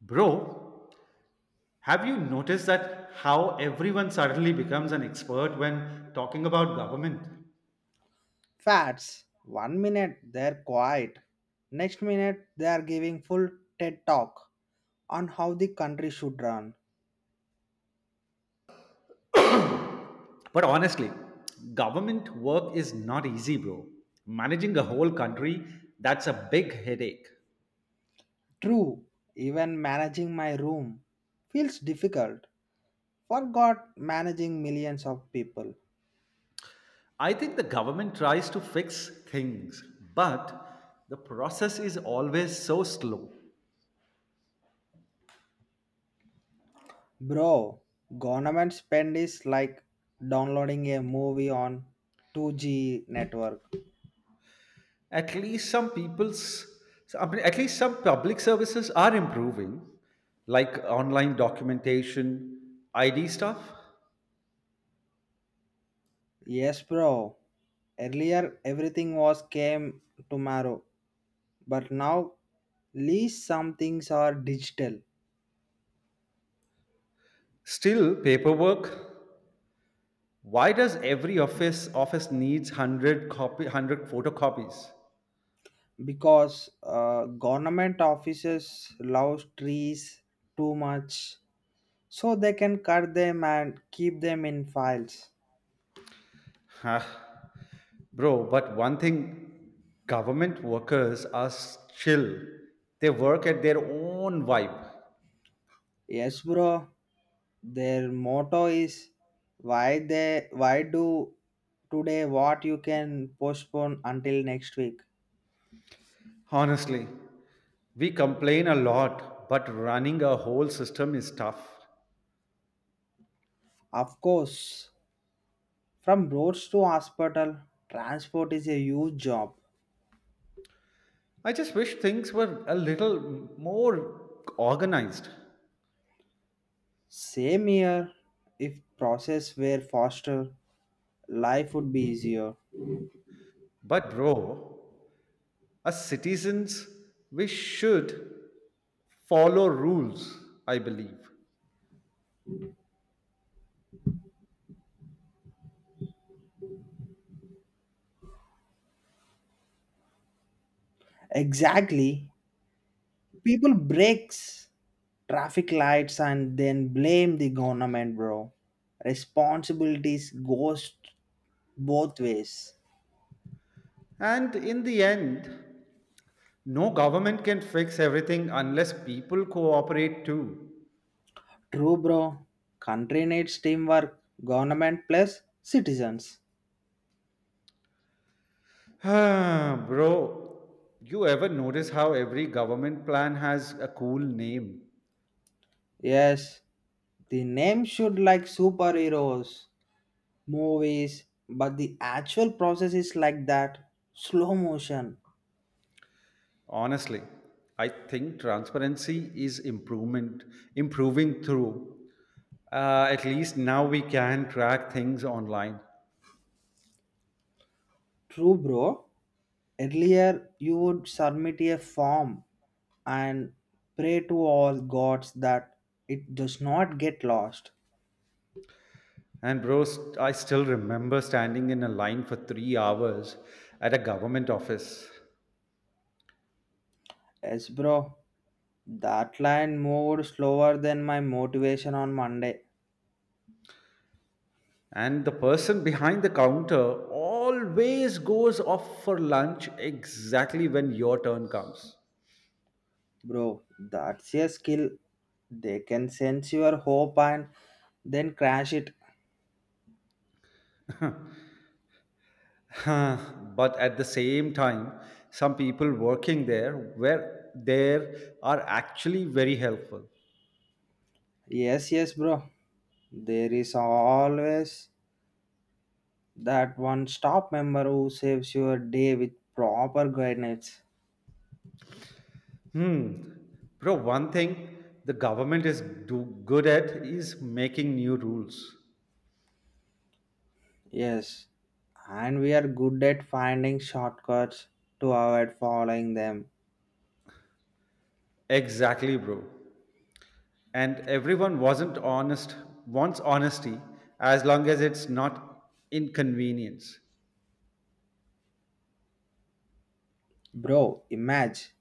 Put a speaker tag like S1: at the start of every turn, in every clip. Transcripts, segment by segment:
S1: Bro, have you noticed that how everyone suddenly becomes an expert when talking about government?
S2: Fats, one minute they're quiet, next minute they are giving full TED talk on how the country should run.
S1: But honestly, government work is not easy, bro. Managing a whole country, that's a big headache.
S2: True, even managing my room feels difficult. Forgot managing millions of people.
S1: I think the government tries to fix things, but the process is always so slow.
S2: Bro, government spend is like downloading a movie on 2G network.
S1: At least some people's I mean, at least some public services are improving, like online documentation, ID stuff.
S2: Yes, bro. Earlier everything was came tomorrow, but now least some things are digital
S1: Still paperwork. Why does every office needs 100 copy 100 photocopies?
S2: because government offices love trees too much, so they can cut them and keep them in files.
S1: Huh. Bro, but one thing government workers are chill. They work at their own vibe.
S2: Yes, bro. Their motto is why do today what you can postpone until next week.
S1: Honestly, we complain a lot, but running a whole system is tough.
S2: Of course, from roads to hospital, transport is a huge job.
S1: I just wish things were a little more organized.
S2: Same here, if process were faster, life would be easier.
S1: But, bro, as citizens, we should follow rules, I believe.
S2: Exactly. People breaks traffic lights and then blame the government, bro. Responsibilities goes both ways.
S1: And in the end, no government can fix everything unless people cooperate too.
S2: True, bro. Country needs teamwork, government plus citizens.
S1: Bro, you ever notice how every government plan has a cool name?
S2: Yes, the name should like superheroes movies, but the actual process is like that slow motion.
S1: Honestly, I think improving through. At least now we can track things online.
S2: True, bro. Earlier, you would submit a form and pray to all gods that it does not get lost.
S1: And bro, I still remember standing in a line for 3 hours at a government office.
S2: Yes, bro. That line moved slower than my motivation on Monday.
S1: And the person behind the counter always goes off for lunch exactly when your turn comes.
S2: Bro, that's a skill. They can sense your hope and then crash it.
S1: Huh, but at the same time, some people working there were there are actually very helpful.
S2: Yes, yes, bro. There is always that one stop member who saves your day with proper guidance.
S1: Hmm. Bro, one thing the government is do good at is making new rules.
S2: Yes, and we are good at finding shortcuts to avoid following them.
S1: Exactly, bro. And everyone wasn't honest wants honesty as long as it's not inconvenience.
S2: Bro, imagine.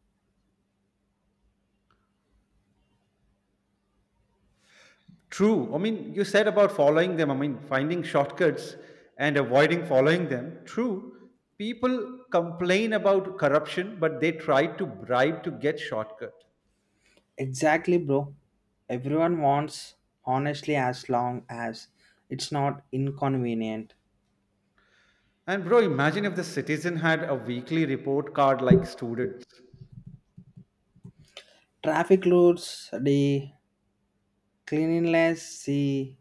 S1: True, I mean you said about following them, I mean finding shortcuts and avoiding following them. True, people complain about corruption but they try to bribe to get shortcut.
S2: Exactly, bro. Everyone wants honestly as long as it's not inconvenient.
S1: And bro, imagine if the citizen had a weekly report card like students.
S2: Traffic rules D, cleanliness C,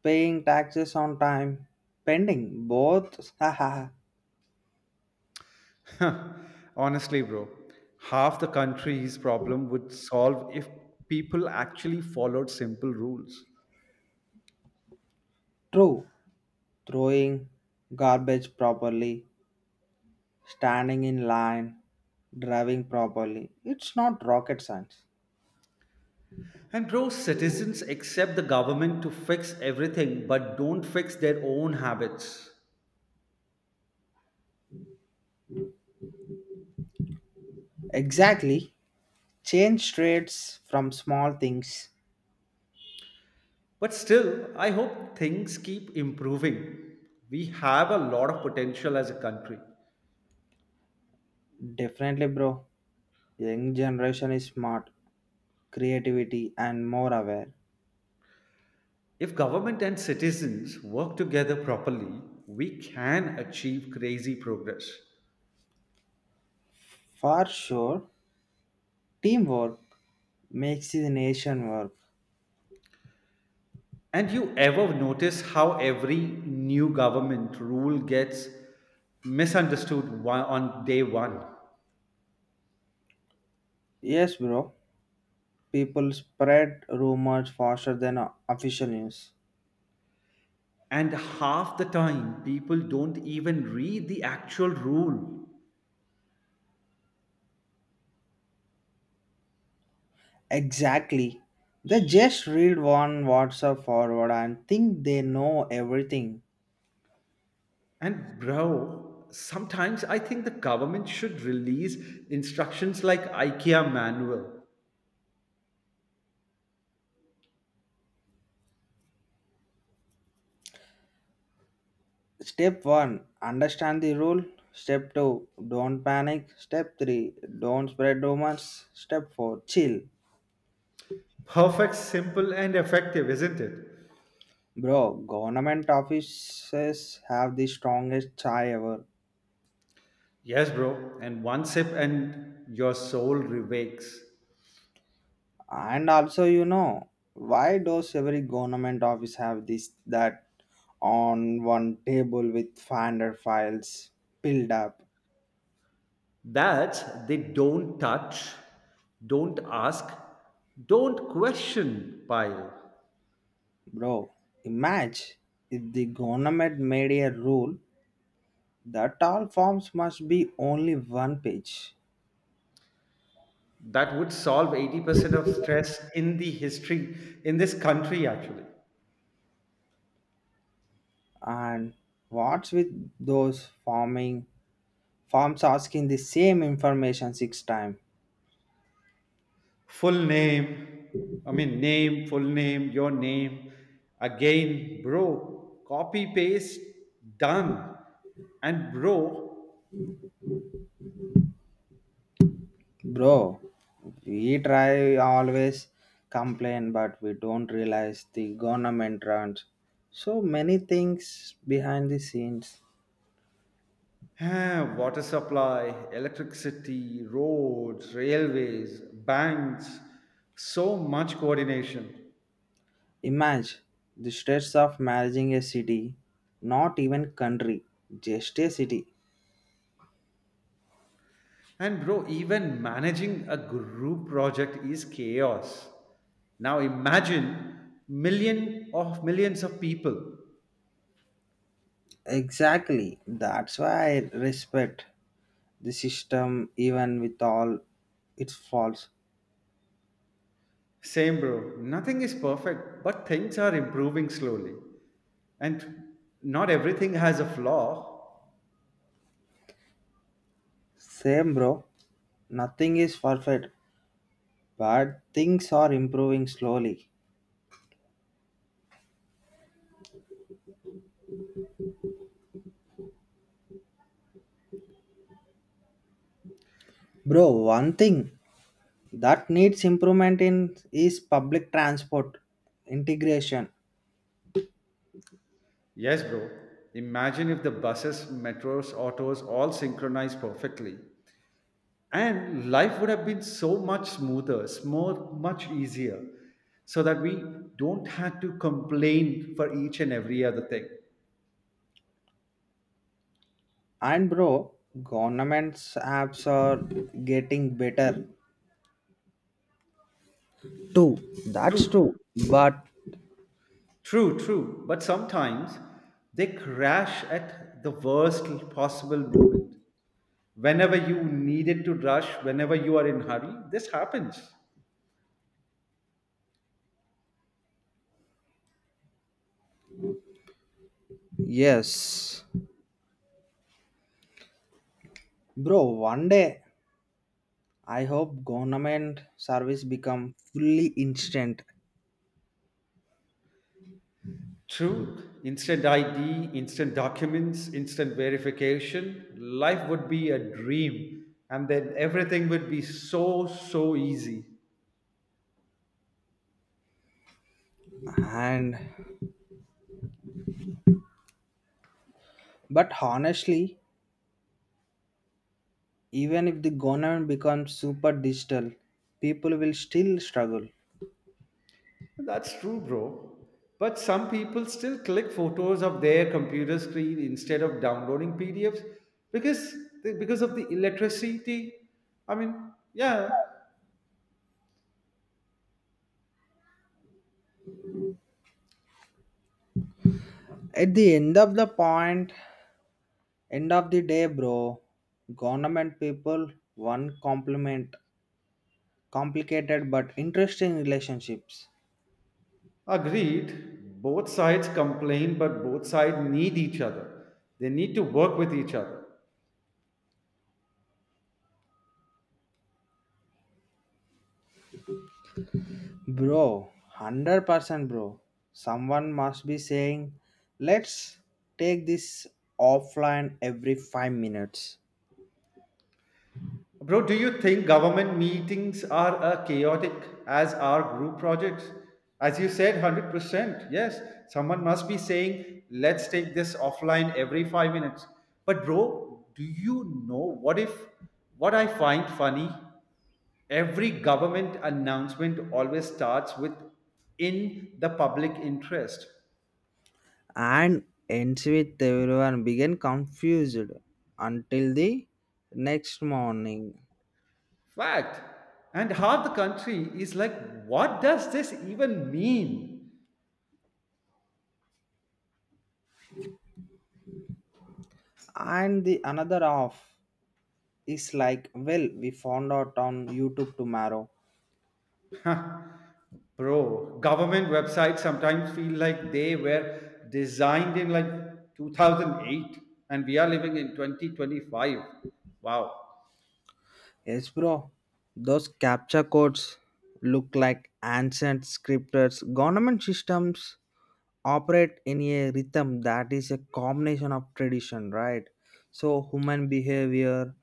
S2: paying taxes on time, pending both. Haha,
S1: Honestly, bro, half the country's problem would solve if people actually followed simple rules.
S2: true. Throwing garbage properly, standing in line, driving properly. It's not rocket science.
S1: And, bro, citizens accept the government to fix everything but don't fix their own habits.
S2: Exactly. Change traits from small things.
S1: But still, I hope things keep improving. We have a lot of potential as a country.
S2: Definitely, bro. Young generation is smart, creativity, and more aware.
S1: If government and citizens work together properly, we can achieve crazy progress.
S2: For sure, teamwork makes the nation work.
S1: And you ever notice how every new government rule gets misunderstood on day one?
S2: Yes, bro. People spread rumors faster than official news.
S1: And half the time, people don't even read the actual rule.
S2: Exactly. They just read one WhatsApp forward and think they know everything.
S1: And, bro, sometimes I think the government should release instructions like IKEA manual.
S2: Step 1: Understand the rule. Step 2: Don't panic. Step 3: Don't spread rumors. Step 4: Chill.
S1: Perfect, simple, and effective, isn't it?
S2: Bro, government offices have the strongest chai ever.
S1: Yes, bro. And one sip, and your soul revakes.
S2: And also, why does every government office have this that on one table with finder files piled up?
S1: That they don't touch, don't ask, don't question pile.
S2: Bro, imagine if the government made a rule that all forms must be only one page.
S1: That would solve 80% of stress in the history, in this country actually.
S2: And what's with those forming forms asking the same information six times?
S1: Full name, I mean, name, full name, your name. Again, bro, copy paste, done. And bro,
S2: Bro, we try always complain, but we don't realize the government runs so many things behind the scenes.
S1: water supply, electricity, roads, railways, banks, so much coordination.
S2: Imagine the stress of managing a city, not even country, just a city.
S1: And bro, even managing a group project is chaos. Now imagine million of millions of people.
S2: Exactly. That's why I respect the system even with all its faults.
S1: Same bro, nothing is perfect, but things are improving slowly. And not everything has a flaw.
S2: Same bro. Nothing is perfect, but things are improving slowly. Bro, one thing that needs improvement in is public transport integration.
S1: Yes, bro. Imagine if the buses, metros, autos all synchronize perfectly, and life would have been so much smoother more much easier, so that we don't have to complain for each and every other thing.
S2: And bro, government's apps are getting better, true, that's
S1: True,
S2: true. But
S1: true, true, but sometimes they crash at the worst possible moment, whenever you needed to rush, whenever you are in hurry this happens.
S2: yes, bro, one day I hope government service become fully instant.
S1: True, instant ID, instant documents, instant verification. Life would be a dream, and then everything would be so, so easy.
S2: And but honestly, even if the government becomes super digital, people will still struggle.
S1: That's true, bro. But some people still click photos of their computer screen instead of downloading PDFs because because of the electricity. I mean, yeah,
S2: At the end of the day, bro, government people one compliment complicated but interesting relationships.
S1: agreed. Both sides complain, but both sides need each other. They need to work with each other.
S2: Bro, 100% bro. Someone must be saying, let's take this offline every 5 minutes.
S1: Bro, do you think government meetings are chaotic as are group projects? As you said, 100%. Yes, someone must be saying, let's take this offline every 5 minutes. But, bro, do you know what if what I find funny? Every government announcement always starts with in the public interest.
S2: And ends with everyone begin confused until the next morning.
S1: Fact. And half the country is like, what does this even mean?
S2: And the another half is like, well, we found out on YouTube tomorrow.
S1: Bro, government websites sometimes feel like they were designed in like 2008 and we are living in 2025. Wow.
S2: Yes, bro. Those capture codes look like ancient scriptures. Government systems operate in a rhythm that is a combination of tradition, right? So human behavior,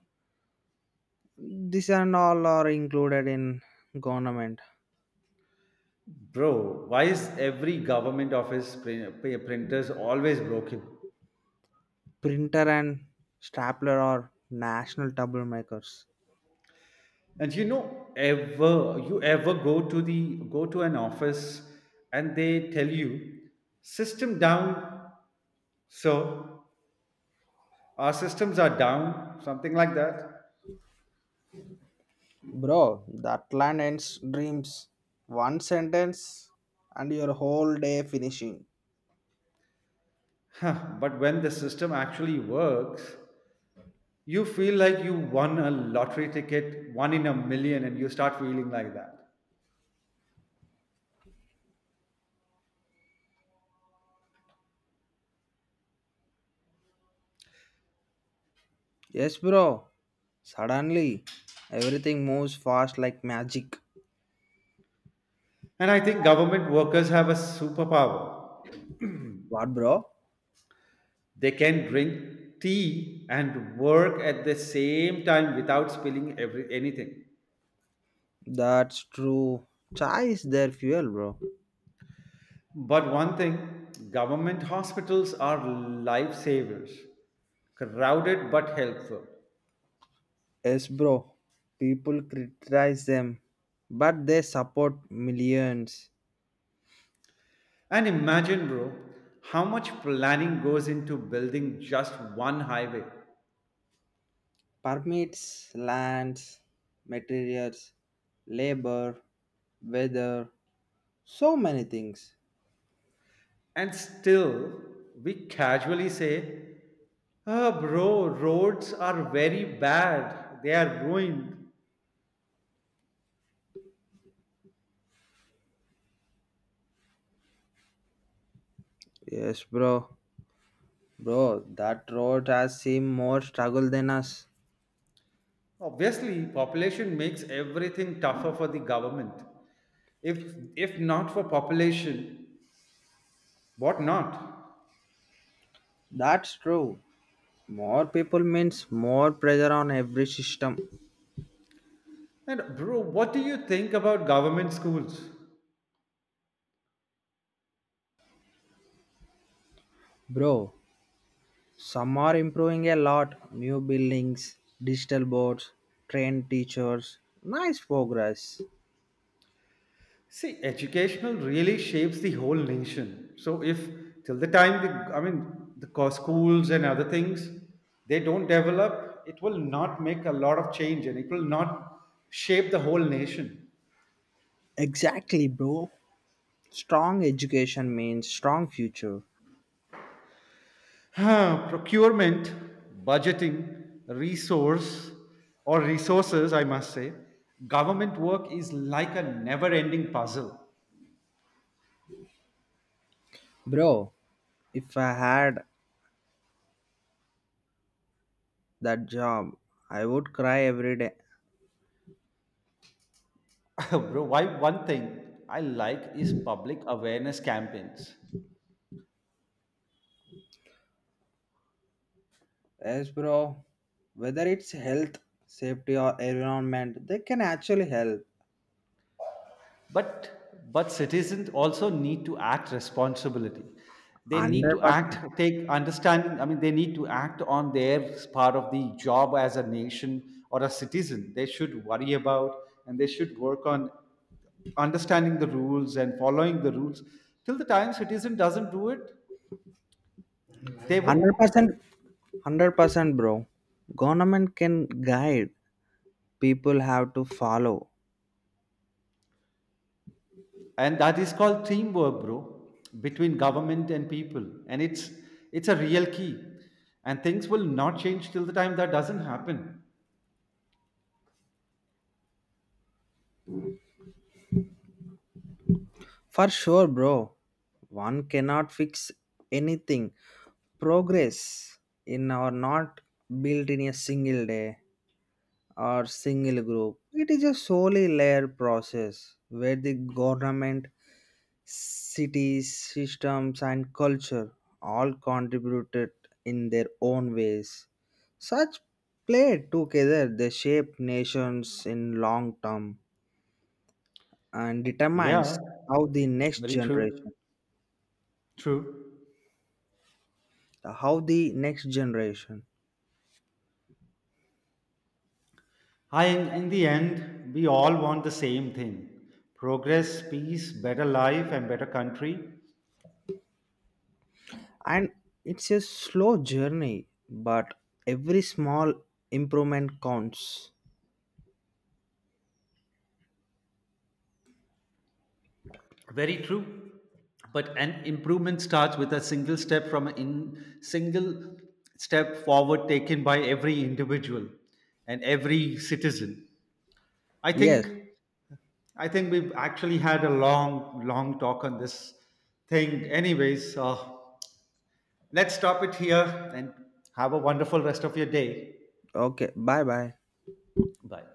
S2: these and all are included in government.
S1: Bro, why is every government office printers always broken?
S2: Printer and stapler are national troublemakers.
S1: And you know, ever you ever go to the go to an office and they tell you system down, sir. Our systems are down, something like that.
S2: Bro, that land ends dreams. One sentence and your whole day finishing.
S1: Huh, but when the system actually works, you feel like you won a lottery ticket, one in a million, and you start feeling like that.
S2: Yes, bro. Suddenly, everything moves fast like magic.
S1: And I think government workers have a superpower.
S2: What, bro?
S1: They can drink tea and work at the same time without spilling anything.
S2: That's true. Chai is their fuel, bro.
S1: But one thing government hospitals are lifesavers, crowded but helpful.
S2: Yes, bro. People criticize them, but they support millions.
S1: And imagine, bro, how much planning goes into building just one highway.
S2: Permits, lands, materials, labor, weather, so many things.
S1: And still, we casually say, ah, bro, roads are very bad. They are ruined.
S2: Yes, bro. Bro, that road has seen more struggle than us.
S1: Obviously, population makes everything tougher for the government. If not for population, what not?
S2: That's true. More people means more pressure on every system.
S1: And bro, what do you think about government schools?
S2: Bro, some are improving a lot. New buildings, digital boards, trained teachers. Nice progress.
S1: See, educational really shapes the whole nation. So if till the time I mean the schools and other things, they don't develop, it will not make a lot of change and it will not shape the whole nation.
S2: Exactly, bro. Strong education means strong future.
S1: Huh. Procurement, budgeting, resources, I must say, government work is like a never-ending puzzle.
S2: Bro, if I had that job, I would cry every day.
S1: Bro, why one thing I like is public awareness campaigns,
S2: Yes, bro. Whether it's health, safety, or environment, they can actually help.
S1: but citizens also need to act responsibility, they need to act
S2: 100%.
S1: take understanding I mean they need to act on their part of the job. As a nation or a citizen, they should worry about, and they should work on understanding the rules and following the rules. Till the time citizen doesn't do it, they would.
S2: 100%. 100%, bro. Government can guide, people have to follow.
S1: And that is called teamwork, bro, between government and people. And it's a real key, and things will not change till the time that doesn't happen.
S2: For sure, bro. One cannot fix anything. Progress in our not built in a single day or single group. It is a solely layer process where the government, cities, systems, and culture all contributed in their own ways. Such play together they shape nations in long term and determines
S1: Yeah,
S2: how the next
S1: very
S2: generation
S1: true. True.
S2: how the next generation.
S1: I, in the end, we all want the same thing: progress, peace, better life, and better country.
S2: And it's a slow journey, but every small improvement counts.
S1: Very true. But an improvement starts with a single step, from single step forward taken by every individual and every citizen. I
S2: Yes,
S1: think I think we've actually had a long, long talk on this thing. Anyways, let's stop it here and have a wonderful rest of your day.
S2: okay, bye bye.
S1: Bye.